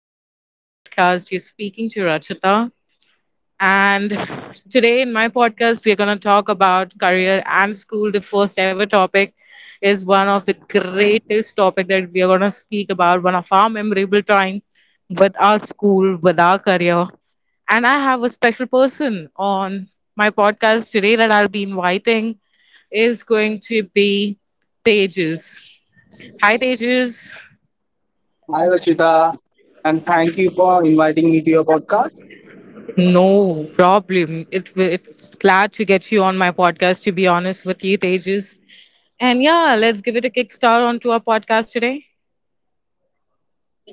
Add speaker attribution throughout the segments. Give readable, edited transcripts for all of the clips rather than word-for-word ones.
Speaker 1: Welcome to my podcast. You're speaking to Rachita. And today in my podcast, we're going to talk about career and school. The first ever topic is one of the greatest topic that we are going to speak about, one of our memorable time with our school, with our career. And I have a special person on my podcast today that I'll be inviting is going to be Tejas. Hi, Tejas.
Speaker 2: Hi, Rachita, and thank you for inviting me to your podcast.
Speaker 1: No problem. It's glad to get you on my podcast. To be honest with you, Tejas, and yeah, let's give it a kickstart onto our podcast today.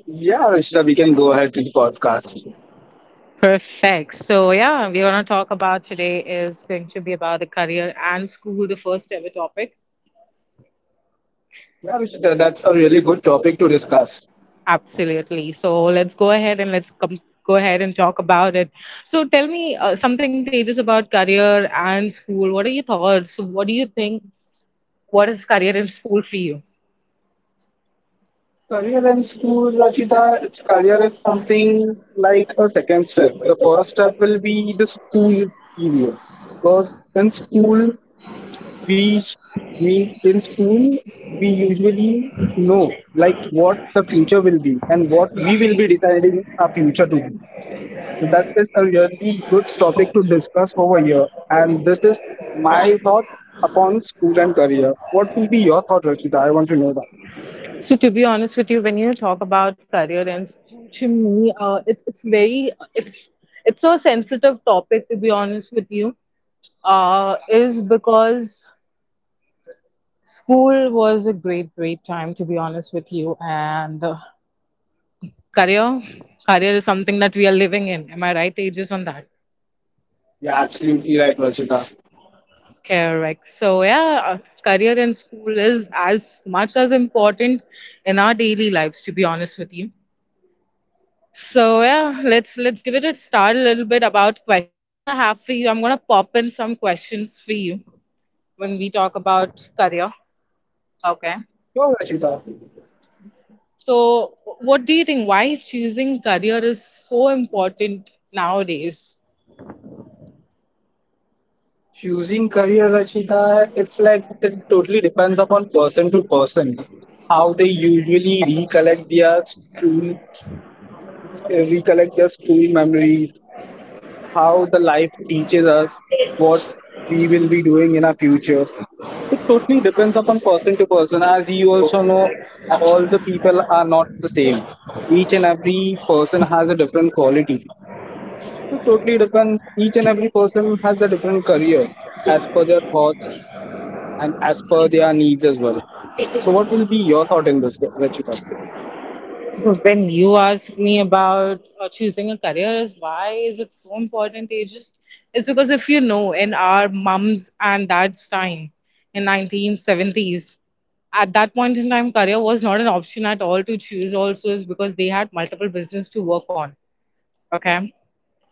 Speaker 2: Yeah, Rachita, we can go ahead to the podcast.
Speaker 1: Perfect. So yeah, we're gonna talk about today is going to be about the career and school, the first ever topic.
Speaker 2: Yeah, Rachita, that's a really good topic to discuss.
Speaker 1: Absolutely. So let's go ahead and go ahead and talk about it. So tell me something, Tejas, about career and school. What are your thoughts? What do you think? What is career and school for you?
Speaker 2: Career in school, Rachita, career is something like a second step. The first step will be the school period. First, in school, we s- we in school we usually know like what the future will be and what we will be deciding our future to be. So that is a really good topic to discuss over here. And this is my thoughts upon school and career. What will be your thought, Rachita? I want to know that.
Speaker 1: So to be honest with you, when you talk about career ends, to me, it's very, it's a sensitive topic. To be honest with you, is because school was a great time. To be honest with you, and career career is something that we are living in. Am I right, Aegis, on that?
Speaker 2: Yeah, absolutely right, Rachita.
Speaker 1: Correct. So yeah, career in school is as much as important in our daily lives. To be honest with you. So yeah, let's give it a start a little bit about questions that I have for you. I'm gonna pop in some questions for you when we talk about career. Okay.
Speaker 2: Sure, Rachita.
Speaker 1: So what do you think? Why choosing career is so important nowadays?
Speaker 2: Choosing career, Rachita, it's like it totally depends upon person to person. How they usually recollect their school, recollect the school memories, how the life teaches us what we will be doing in our future. It totally depends upon person to person. As you also know, all the people are not the same. Each and every person has a different quality. So totally depends. Each and every person has the different career as per their thoughts and as per their needs as well. So what will be your thought in this, Rachita?
Speaker 1: So when you ask me about choosing a career, is why is it so important? It's because if you know, in our mums and dads' time, in 1970s, at that point in time, career was not an option at all to choose. Also, is because they had multiple business to work on. Okay,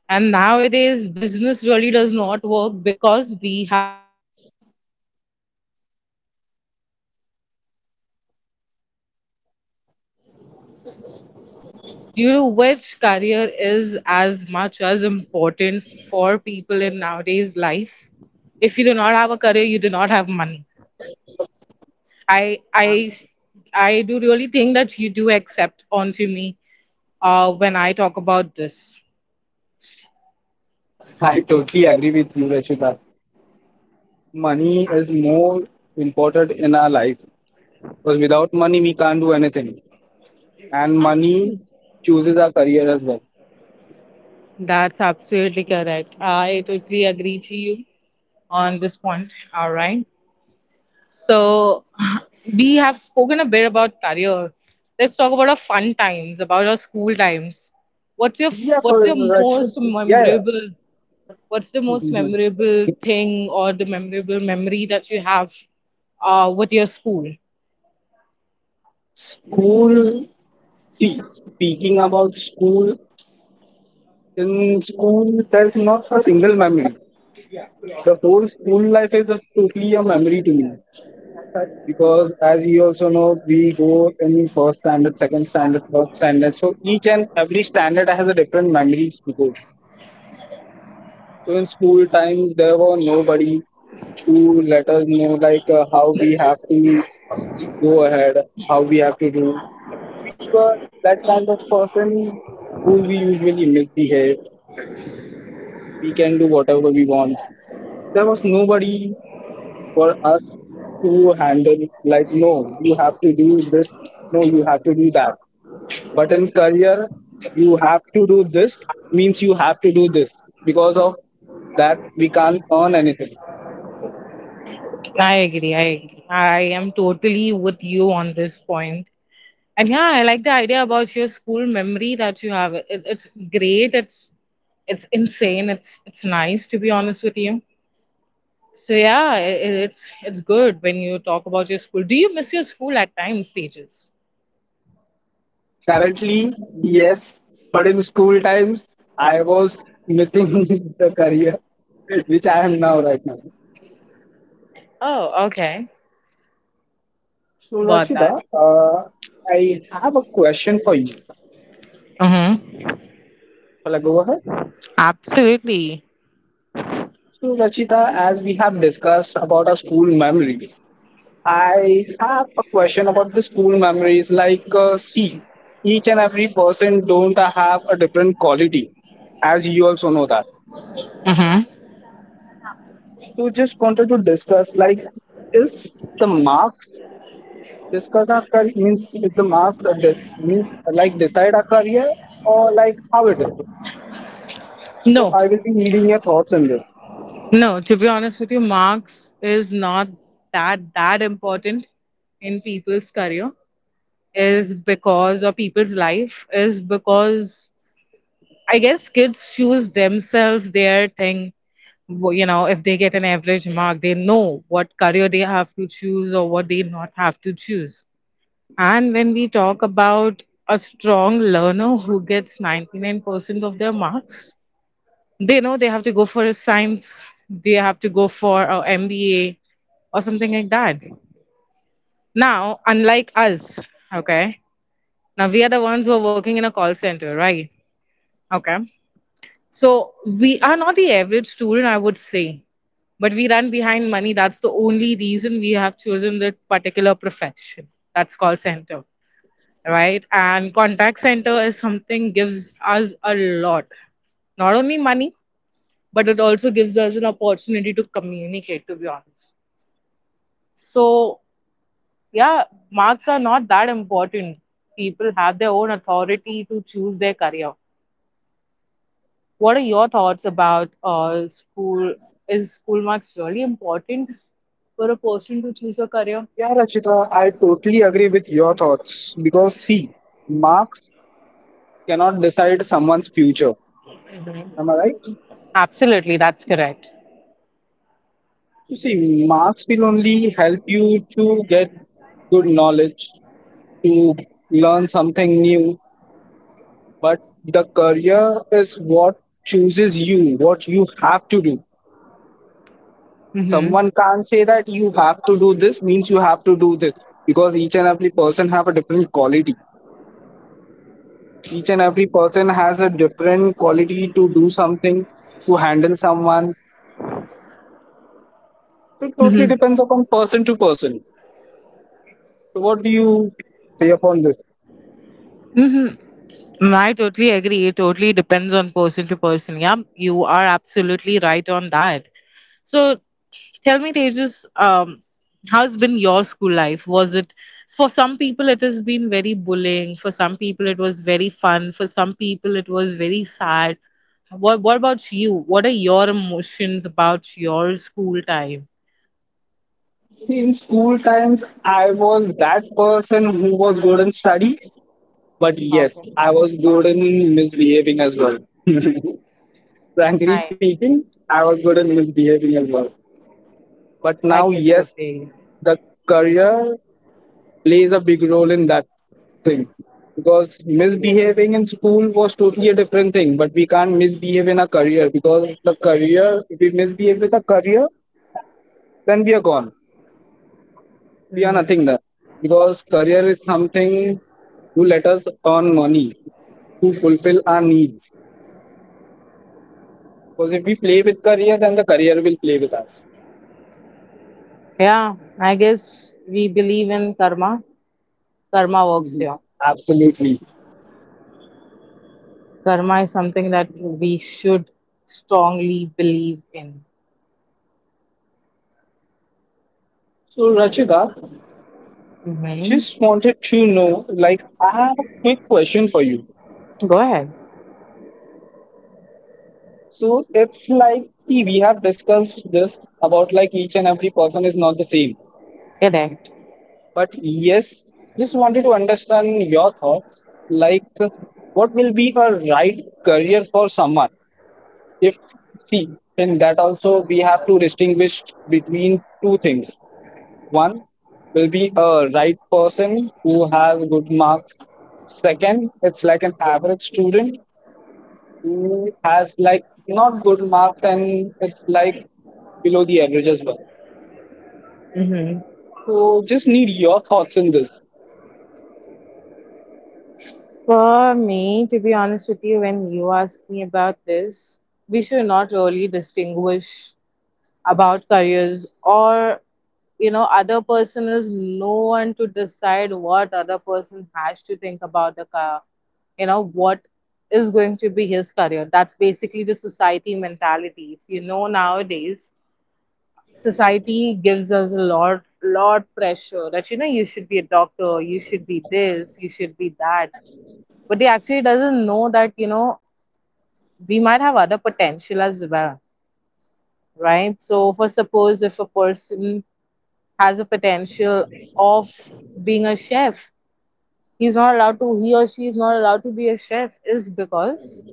Speaker 1: and nowadays business really does not work because we have got e-commerce into the picture. Okay, because of the e-commerce industry, a lot of business has gone down. Do you know which career is as much as important for people in nowadays life? If you do not have a career, you do not have money. I I I do really think that you do accept onto me when I talk about this.
Speaker 2: I totally agree with you, Rachita. Money is more important in our life, because without money we can't do anything, and money
Speaker 1: Absolutely.
Speaker 2: chooses our career as well.
Speaker 1: That's absolutely correct. I totally agree to you on this point. All right. So we have spoken a bit about career. Let's talk about our fun times, about our school times. What's your
Speaker 2: yeah for
Speaker 1: what's your
Speaker 2: actually
Speaker 1: most
Speaker 2: yeah,
Speaker 1: memorable what's the most
Speaker 2: yeah.
Speaker 1: memorable thing or the memorable memory that you have with your school?
Speaker 2: School, see, speaking about school, in school there's not a single memory. The whole school life is totally a memory to me, because as you also know we go in first standard, second standard, third standard, so each and every standard has a different memories to go. So in school times, there were nobody to let us know like how we have to go ahead, how we have to do. We were that kind of person who we usually misbehave. We can do whatever we want. There was nobody for us to handle. Like, no, you have to do this. No, you have to do that. But in career, you have to do this means you have to do this, because of that we can't earn anything.
Speaker 1: I agree, I agree. I am totally with you on this point. And yeah, I like the idea about your school memory that you have. It's great, it's insane, it's nice to be honest with you. So yeah, it's good when you talk about your school. Do you miss your school at time stages?
Speaker 2: Currently, yes, but in school times, I was missing the career which I am now right now.
Speaker 1: Oh, okay,
Speaker 2: So
Speaker 1: got that.
Speaker 2: Rachita, I have a question for you.
Speaker 1: Mm-hmm.
Speaker 2: Shall I go ahead?
Speaker 1: Absolutely.
Speaker 2: So Rachita, as we have discussed about our school memories, I have a question about the school memories. Like, see, each and every person don't have a different quality, as you also know that.
Speaker 1: Mm-hmm.
Speaker 2: So just wanted to discuss, like, is the marks discuss our career means with the marks or this means like decide our career or like how it is. So
Speaker 1: No,
Speaker 2: I will be needing your thoughts on this.
Speaker 1: no. To be honest with you, marks is not that important in people's career. Is because or people's life is because I guess kids choose themselves their thing. You know, if they get an average mark, they know what career they have to choose or what they not have to choose. And when we talk about a strong learner who gets 99% of their marks, they know they have to go for a science, they have to go for a MBA or something like that. Now, unlike us, okay, now we are the ones who are working in a call center, right? Okay. So we are not the average student, I would say, but we run behind money. That's the only reason we have chosen that particular profession. That's call center, right? And contact center is something gives us a lot, not only money, but it also gives us an opportunity to communicate. To be honest, so yeah, marks are not that important. People have their own authority to choose their career. What are your thoughts about school? Is school marks really important for a person to choose a career?
Speaker 2: Yeah, Rachita, I totally agree with your thoughts because see, marks cannot decide someone's future.
Speaker 1: Mhm.
Speaker 2: Am I right?
Speaker 1: Absolutely, that's correct.
Speaker 2: You see, marks will only help you to get good knowledge, to learn something new. But the career is what chooses you, what you have to do.
Speaker 1: Hmm.
Speaker 2: Someone can't say that you have to do this means you have to do this, because each and every person have a different quality, each and every person has a different quality to do something, to handle someone. It totally
Speaker 1: Mm-hmm.
Speaker 2: depends upon person to person. So what do you say upon this?
Speaker 1: Mm-hmm. I totally agree. It totally depends on person to person. Yeah, you are absolutely right on that. So tell me, Tejas, how's been your school life? Was it for some people it has been very bullying, for some people it was very fun, for some people it was very sad. What about you? What are your emotions about your school time?
Speaker 2: See, in school times I was that person who was good in studies, but yes
Speaker 1: Okay.
Speaker 2: I was good in misbehaving as well. Frankly
Speaker 1: Hi.
Speaker 2: speaking, I was good in misbehaving as well. But
Speaker 1: I
Speaker 2: now,
Speaker 1: can
Speaker 2: yes,
Speaker 1: totally.
Speaker 2: the career plays a big role in that thing, because misbehaving in school was totally a different thing, but we can't misbehave in a career, because the career, if we misbehave with a career, then we are gone, we are
Speaker 1: Hmm.
Speaker 2: nothing there, because career is something to let us earn money, to fulfill our needs, because if we play with career then the career will play with us.
Speaker 1: Yeah, I guess we believe in karma. Karma works
Speaker 2: Mhm.
Speaker 1: here.
Speaker 2: Absolutely.
Speaker 1: Karma is something that we should strongly believe in.
Speaker 2: So Rachita,
Speaker 1: Hmm.
Speaker 2: just wanted to know, like, I have a quick question for you.
Speaker 1: Go ahead.
Speaker 2: So it's like, see, we have discussed this about like each and every person is not the same.
Speaker 1: Get it.
Speaker 2: But yes, just wanted to understand your thoughts. Like, what will be a right career for someone? If, see, in that also we have to distinguish between two things. One will be a right person who have good marks. Second, it's like an average student who has like not good marks and it's like below the average as well.
Speaker 1: Hmm.
Speaker 2: So just need your thoughts in this.
Speaker 1: For me, to be honest with you, when you ask me about this, we should not really distinguish about careers or other person is no one to decide what other person has to think about the car you know what is going to be his career. That's basically the society mentality. If you know, nowadays society gives us a lot pressure that, you should be a doctor, you should be this, you should be that. But they actually doesn't know that, we might have other potential as well, right? So for suppose, if a person has a potential of being a chef, he or she is not allowed to be a chef. Is because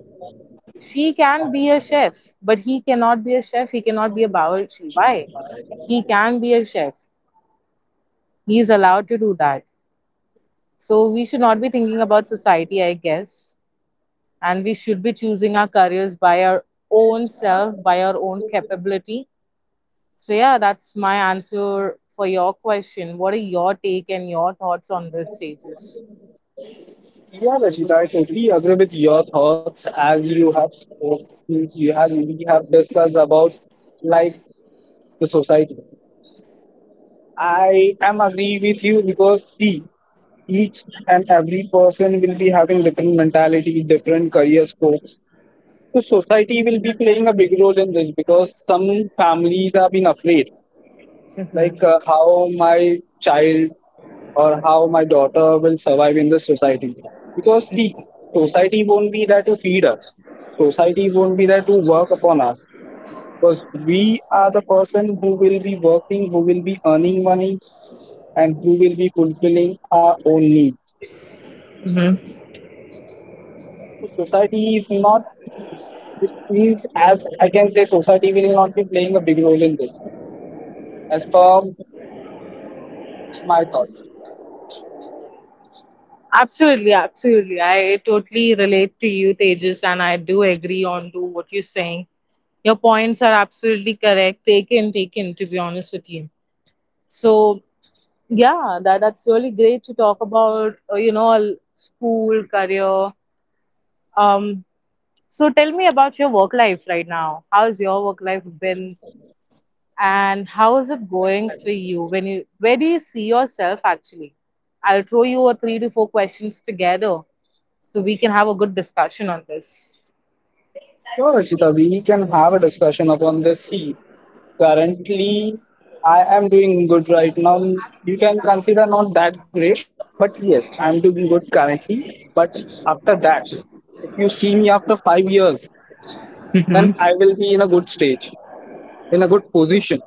Speaker 1: she can be a chef but he cannot be a chef, he cannot be a bawarchi. Why? He can be a chef, he is allowed to do that. So we should not be thinking about society, I guess, and we should be choosing our careers by our own self, by our own capability. So, yeah, that's my answer for your question. What are your take and your thoughts on this, Tejas?
Speaker 2: Yeah, Rashida, I totally agree with your thoughts as you have spoke, since you have we have discussed about like the society. I am agree with you because see, each and every person will be having different mentality, different career scopes. So society will be playing a big role in this, because some families have been afraid
Speaker 1: Mm-hmm.
Speaker 2: like how my child or how my daughter will survive in the society, because see, society won't be there to feed us, society won't be there to work upon us, because we are the person who will be working, who will be earning money, and who will be fulfilling our own needs.
Speaker 1: Hmm.
Speaker 2: So society is not, this means as I can say society will not be playing a big role in this, as per my thoughts.
Speaker 1: Absolutely, absolutely. I totally relate to you, Tejas, and I do agree on to what you're saying. Your points are absolutely correct. Taken, taken. To be honest with you, so yeah, that's really great to talk about. You know, school career. Um, So tell me about your work life right now. How's your work life been and how is it going for you? When you where do you see yourself actually? I'll throw you a three to four questions together so we can have a good discussion on this.
Speaker 2: Sure, Rachita, we can have a discussion upon this. See, currently I am doing good right now. You can consider not that great, but yes, I'm doing good currently. But after that, if you see me after 5 years, then I will be in a good stage, in a good position.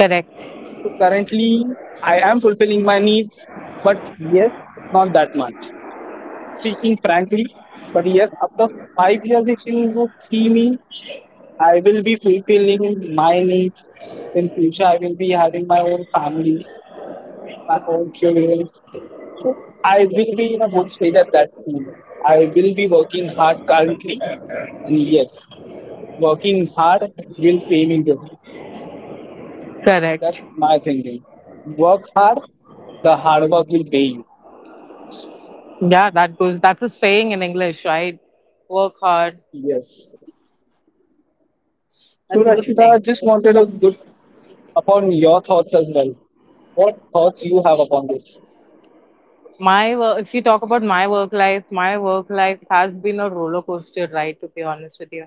Speaker 1: Correct.
Speaker 2: So currently, I am fulfilling my needs, but yes, not that much. Speaking frankly, but yes, after 5 years, if you would see me, I will be fulfilling my needs in future. I will be having my own family, my own children. So I will be in a good state at that moment. I will be working hard currently, and yes, working hard will pay me good. That's
Speaker 1: Correct.
Speaker 2: my thinking. Work hard, the hard work will pay you.
Speaker 1: Yeah, that's a saying in English, right? Work hard.
Speaker 2: Yes. So
Speaker 1: That's a good
Speaker 2: Rashida, I
Speaker 1: saying.
Speaker 2: just wanted a good upon your thoughts as well. What thoughts you have upon this?
Speaker 1: My work, if you talk about my work life has been a roller coaster ride, to be honest with you.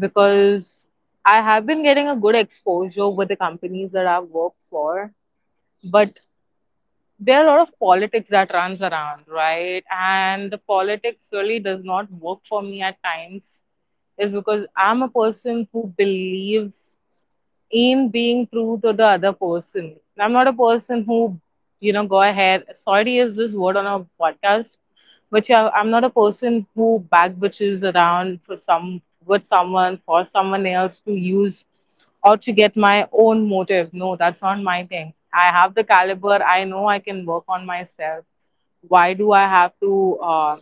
Speaker 1: Because I have been getting a good exposure with the companies that I've worked for, but there are a lot of politics that runs around, right? And the politics really does not work for me at times, is because I'm a person who believes aim being true to the other person. I'm not a person who, you know, go ahead. Sorry, is this word on a podcast? But yeah, I'm not a person who backbitches around for some with someone for someone else to use or to get my own motive. No, that's not my thing. I have the caliber. I know I can work on myself. Why do I have to,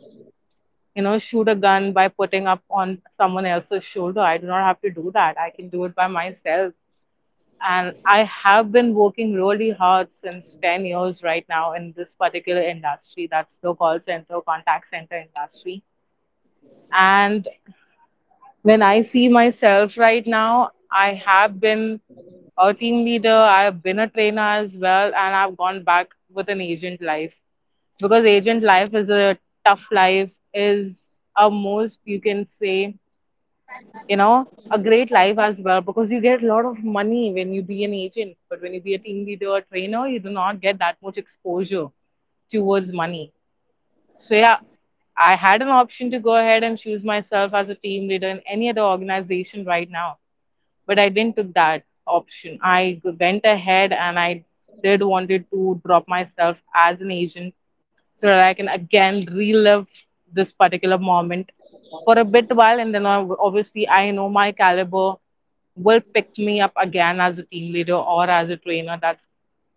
Speaker 1: you know, shoot a gun by putting up on someone else's shoulder? I do not have to do that. I can do it by myself, and I have been working really hard since 10 years right now in this particular industry. That's the call center, contact center industry. And when I see myself right now, I have been a team leader, I have been a trainer as well, and I've gone back with an agent life, because agent life is a tough life, is a most, you can say, you know, a great life as well, because you get a lot of money when you be an agent, but when you be a team leader or trainer you do not get that much exposure towards money. So yeah, I had an option to go ahead and choose myself as a team leader in any other organization right now, but I didn't took that option. I went ahead and I did wanted to drop myself as an agent so that I can again relive this particular moment for a bit while, and then obviously I know my caliber will pick me up again as a team leader or as a trainer. That's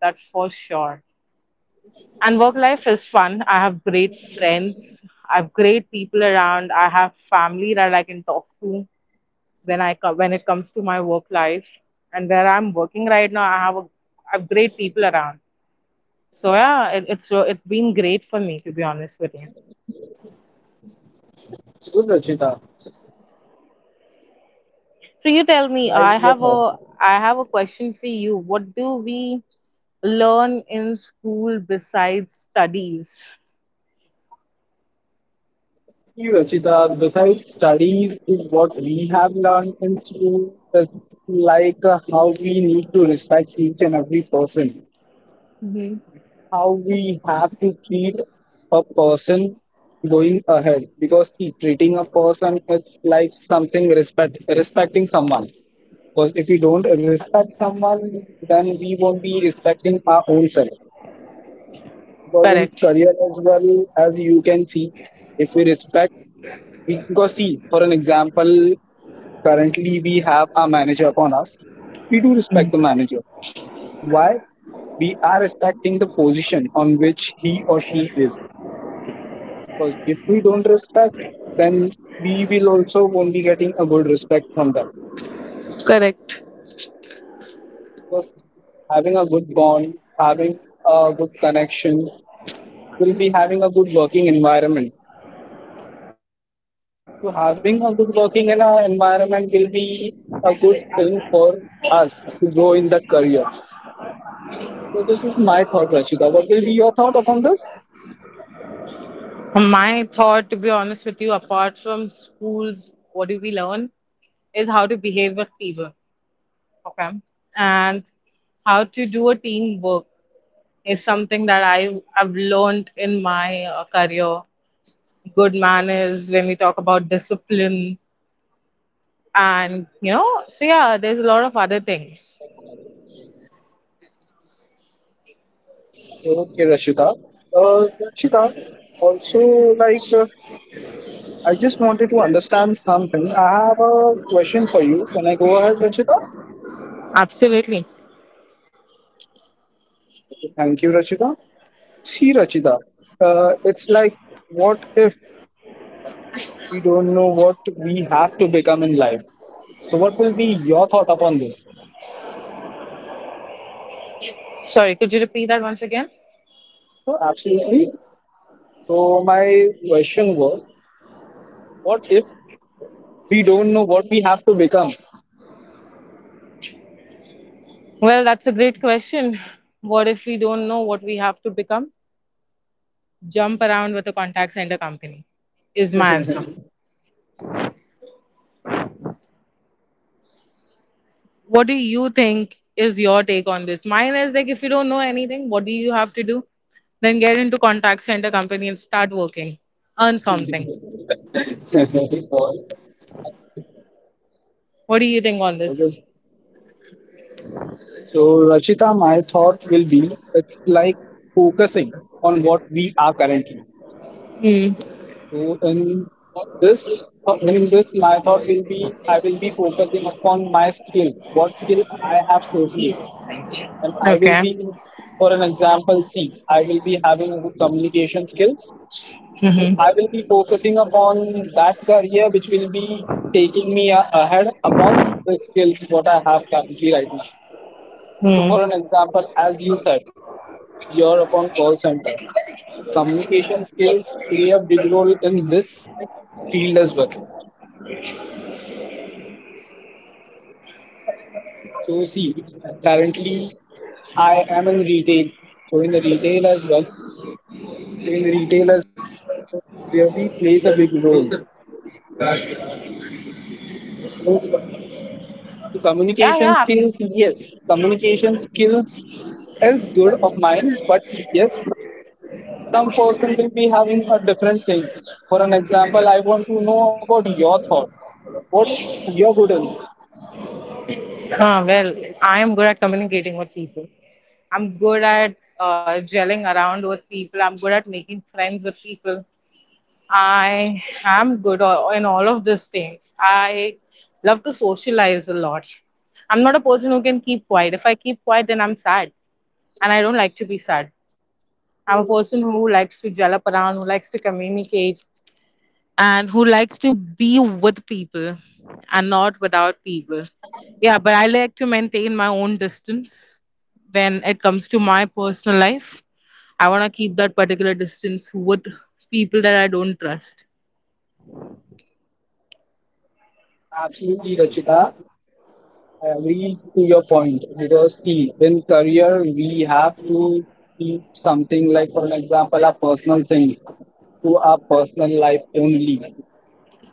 Speaker 1: that's for sure. And work life is fun. I have great friends. I have great people around. I have family that I can talk to when when it comes to my work life and where I'm working right now, I have great people around. So yeah, it's been great for me to be honest with you.
Speaker 2: Good Rashida,
Speaker 1: So you tell me,
Speaker 2: like your thoughts.
Speaker 1: I have a question for you. What do we learn in school besides studies?
Speaker 2: You, Rachita, besides studies, is what we have learned in school is like how we need to respect each and every person,
Speaker 1: Hmm
Speaker 2: how we have to treat a person going ahead. Because see, treating a person is like something respect, respecting someone. Because if we don't respect someone, then we won't be respecting our own self. Because in
Speaker 1: Correct.
Speaker 2: career as well, as you can see, if we respect, because see, for an example, currently we have our manager upon us. We do respect the manager. Why? We are respecting the position on which he or she is. Because if we don't respect, then we will also won't be getting a good respect from them.
Speaker 1: Correct.
Speaker 2: Because having a good bond, having a good connection, will be having a good working environment. So having a good working in our environment will be a good thing for us to grow in that career. So this is my thought, Rashida. What will be your thought upon this?
Speaker 1: My thought, to be honest with you, apart from schools, what do we learn is how to behave with people. Okay. And how to do a teamwork is something that I have learned in my career. Good manners when we talk about discipline, and you know, so yeah, there's a lot of other things.
Speaker 2: Okay, Rashida. Rashida, also like I just wanted to understand something. I have a question for you. Can I go ahead, Rashida?
Speaker 1: Absolutely.
Speaker 2: Thank you, Rachita. See, Rachita, it's like, what if we don't know what we have to become in life? So, what will be your thought upon this?
Speaker 1: Sorry, could you repeat that once again?
Speaker 2: So, absolutely. So my question was, what if we don't know what we have to become?
Speaker 1: Well, that's a great question. What if we don't know what we have to become? Jump around with a contact center company is my answer. What do you think is your take on this? Mine is like if you don't know anything, what do you have to do? Then get into contact center company and start working. Earn something. What do you think on
Speaker 2: Okay.
Speaker 1: this?
Speaker 2: So Rachita, my thought will be it's like focusing on what we are currently.
Speaker 1: Mm.
Speaker 2: So this in this my thought will be I will be focusing upon my skill, what skill I have totally. And I will
Speaker 1: Okay.
Speaker 2: be, for an example, see, I will be having good communication skills.
Speaker 1: Mm-hmm.
Speaker 2: I will be focusing upon that career which will be taking me ahead upon the skills what I have currently right now. So, for an
Speaker 1: Mm.
Speaker 2: example, as you said, you're upon call center. So communication skills play a big role in this field as well. So, see, currently I am in retail. So, in the retail as well, really plays a big role.
Speaker 1: Yeah,
Speaker 2: Communication
Speaker 1: yeah.
Speaker 2: skills, yes. Communication skills is good of mine, but yes, some person will be having a different thing. For an example, I want to know about your thought. What you're good in.
Speaker 1: Huh, well, I am good at communicating with people. I'm good at gelling around with people. I'm good at making friends with people. I am good in all of these things. I love to socialize a lot. I'm not a person who can keep quiet. If I keep quiet, then I'm sad, and I don't like to be sad. I'm a person who likes to gel up around, who likes to communicate, and who likes to be with people and not without people. Yeah, but I like to maintain my own distance when it comes to my personal life. I want to keep that particular distance with people that I don't trust.
Speaker 2: Absolutely, Rachita. I agree to your point because see, in career we have to keep something like, for an example, our personal things to our personal life only.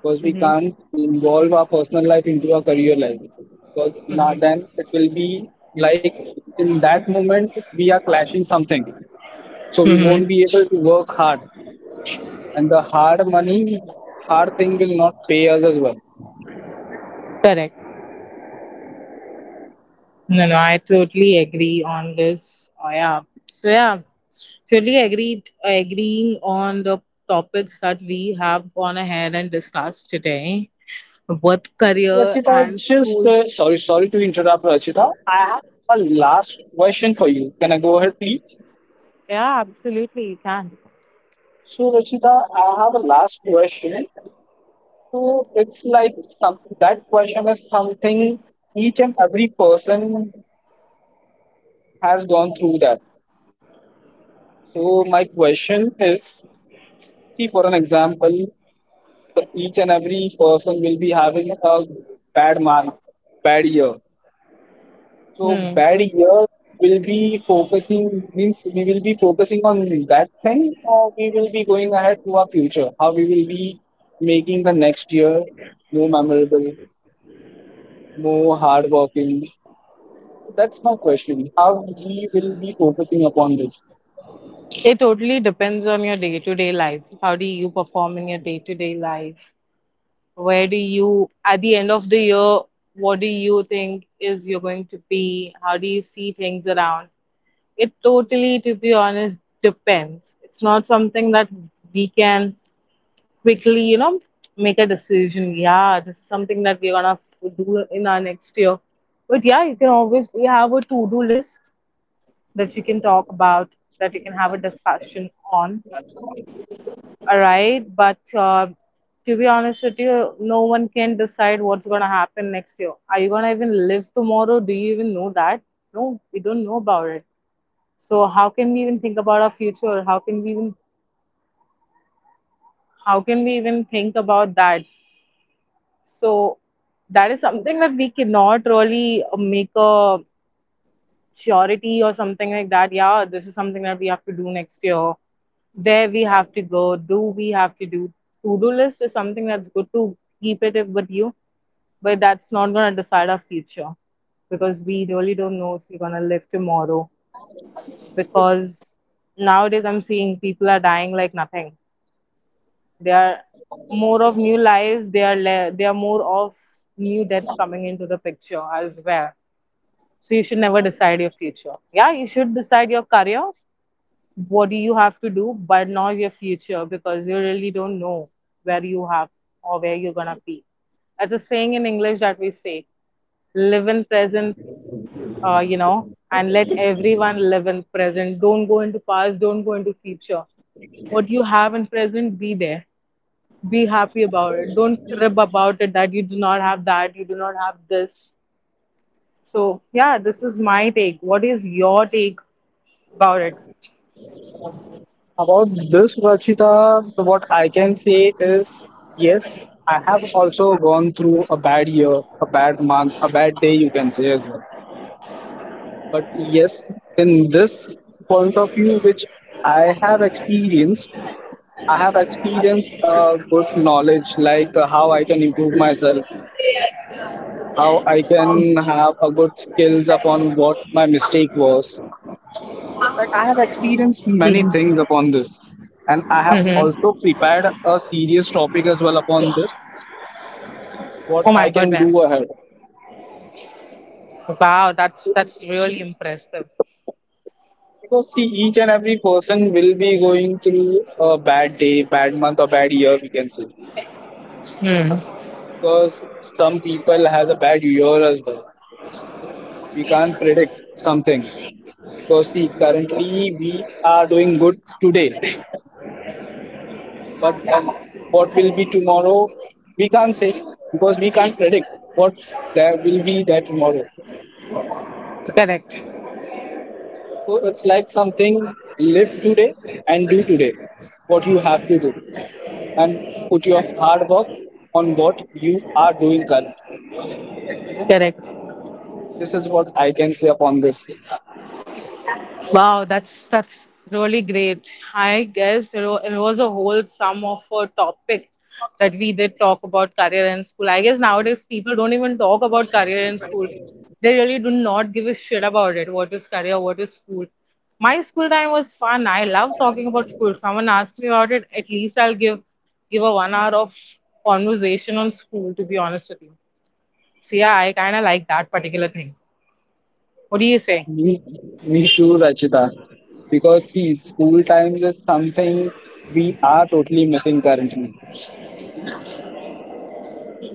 Speaker 2: Because we
Speaker 1: Hmm
Speaker 2: can't involve our personal life into our career life. Because now then it will be like in that moment we are clashing something, so we
Speaker 1: Mm-hmm.
Speaker 2: won't be able to work hard, and the hard money, hard thing will not pay us as well.
Speaker 1: Correct. No, no, I totally agree on this. Oh, yeah. So yeah, totally agreed. Agreeing on the topics that we have gone ahead and discussed today, both career
Speaker 2: Rachita,
Speaker 1: and
Speaker 2: just
Speaker 1: school.
Speaker 2: sorry to interrupt, Rachita. I have a last question for you. Can I go ahead, please?
Speaker 1: Yeah, absolutely, you can.
Speaker 2: So, Rachita, I have a last question. So it's like some that question is something each and every person has gone through that. So my question is, see for an example, so each and every person will be having a bad month, bad year. So
Speaker 1: Hmm.
Speaker 2: bad year will be focusing means we will be focusing on that thing, or we will be going ahead to our future, how we will be making the next year more memorable, more hardworking. That's my question. How we will be focusing upon this.
Speaker 1: It totally depends on your day to day life. How do you perform in your day to day life? Where do you, at the end of the year, what do you think is you're going to be? How do you see things around? It totally, to be honest, depends. It's not something that we can quickly, you know, make a decision. Yeah, this is something that we're do in our next year. But yeah, you can obviously have a to-do list that you can talk about, that you can have a discussion on. All right, but to be honest with you, no one can decide what's gonna happen next year. Are you gonna even live tomorrow? Do you even know that? No, we don't know about it. So how can we even think about our future? How can we even think about that? So that is something that we cannot really make a surety or something like that. Yeah, this is something that we have to do next year. There we have to go. Do we have to do? To do list is something that's good to keep it if- with you, but that's not gonna decide our future because we really don't know if we're gonna live tomorrow. Because nowadays I'm seeing people are dying like nothing. There are more of new lives. There are more of new deaths coming into the picture as well. So you should never decide your future. Yeah, you should decide your career. What do you have to do, but not your future because you really don't know where you have or where you're gonna be. That's a saying in English that we say: live in present, you know, and let everyone live in present. Don't go into past. Don't go into future. What you have in present, be there. Be happy about it. Don't crib about it that you do not have that, you do not have this. So, yeah, this is my take. What is your take about it?
Speaker 2: About this, Rachita, what I can say is yes, I have also gone through a bad year, a bad month, a bad day, you can say as well. But yes, in this point of view, which I have experienced, I have experienced a good knowledge like how I can improve myself, how I can have a good skills upon what my mistake was. Like I have experienced many things upon this, and I have
Speaker 1: Mm-hmm.
Speaker 2: also prepared a serious topic as well upon this.
Speaker 1: Oh
Speaker 2: What
Speaker 1: my
Speaker 2: I can
Speaker 1: goodness.
Speaker 2: do ahead,
Speaker 1: Wow, that's really impressive.
Speaker 2: because see, each and every person will be going through a bad day, bad month, or bad year. We can say
Speaker 1: Mm.
Speaker 2: because some people has a bad year as well. We can't predict something because see, currently we are doing good today, but what will be tomorrow we can't say because we can't predict what there will be there tomorrow. So
Speaker 1: Correct.
Speaker 2: it's like something, live today and do today what you have to do, and put your hard work on what you are doing currently.
Speaker 1: Correct.
Speaker 2: This is what I can say upon this.
Speaker 1: Wow, that's really great. I guess it was a whole sum of a topic that we did talk about career in school. I guess nowadays people don't even talk about career in school. They really do not give a shit about it. What is career? What is school? My school time was fun. I love talking about school. Someone asked me about it. At least I'll give a 1 hour of conversation on school. To be honest with you, so yeah, I kind of like that particular thing. What do you say?
Speaker 2: Me, me too, Rachita. Because see, school times is something we are totally missing currently.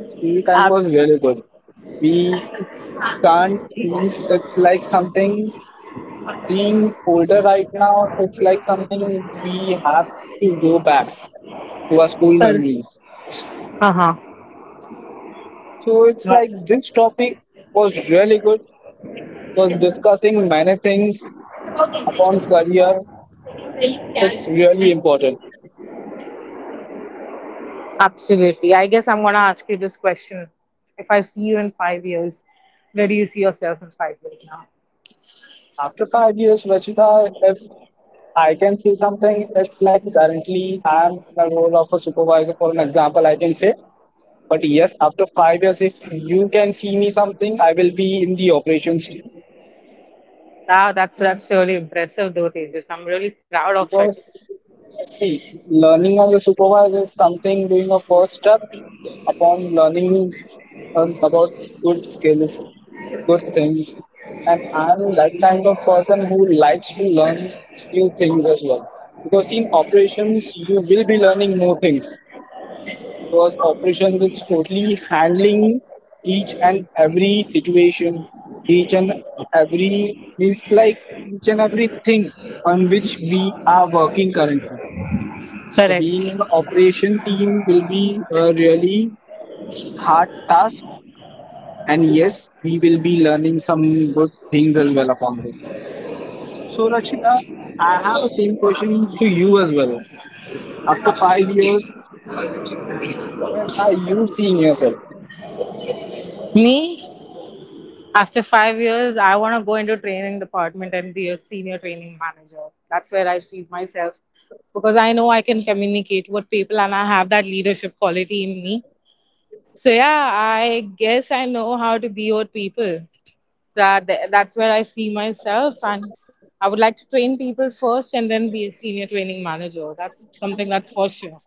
Speaker 2: School time was
Speaker 1: Absolutely.
Speaker 2: really good. We can't means it's like something, being older right now, it's like something we have to go back to our school memories.
Speaker 1: Uh huh.
Speaker 2: So it's
Speaker 1: No,
Speaker 2: like this topic was really good, was discussing many things upon career. It's really important.
Speaker 1: absolutely. I guess I'm gonna ask you this question. If I see you in 5 years, where do you see yourself in 5 years now?
Speaker 2: After 5 years, Rachita, if I can say something, it's like currently I'm in the role of a supervisor, for an example, I can say. But yes, after 5 years, if you can see me something, I will be in the operations team.
Speaker 1: Wow, that's really impressive though, Tejas. I'm really proud of it.
Speaker 2: Because see, learning on the supervisor is something doing a first step upon learning about good skills, good things. And I'm that kind of person who likes to learn new things as well. Because in operations, you will be learning more things because operations is totally handling each and every situation, each and every means like each and everything on which we are working currently. So
Speaker 1: Correct.
Speaker 2: being an operation team will be a really hard task, and yes, we will be learning some good things as well upon this. So Rakshita, I have the same question to you as well. After 5 years, where are you seeing yourself?
Speaker 1: Me, after 5 years, I want to go into training department and be a senior training manager. That's where I see myself because I know I can communicate with people and I have that leadership quality in me. So yeah, I guess I know how to be with people. That's where I see myself, and I would like to train people first and then be a senior training manager. That's something that's for sure.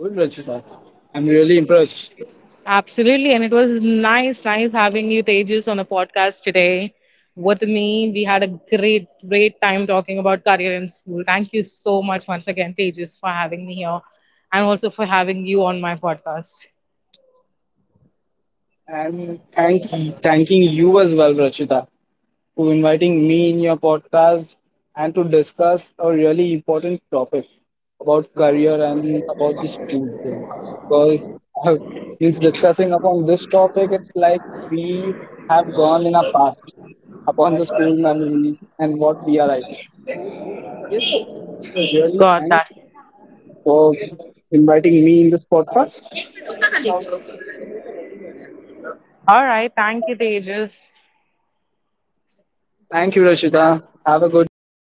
Speaker 2: Good, Rachita. I'm really impressed.
Speaker 1: Absolutely, and it was nice, nice having you, Tejas, on the podcast today with me. We had a great, great time talking about career in school. Thank you so much once again, Tejas, for having me here, and also for having you on my podcast.
Speaker 2: And thank, thanking you as well, Rachita, for inviting me in your podcast and to discuss a really important topic about career and about the school things. Because uh, since discussing upon this topic, it's like we have gone in a past upon the school memories and what we are right now. Yes, really
Speaker 1: Got that.
Speaker 2: thanks for inviting me in this podcast.
Speaker 1: All right, thank you, Tejas.
Speaker 2: Thank you, Rashida. Have a good day.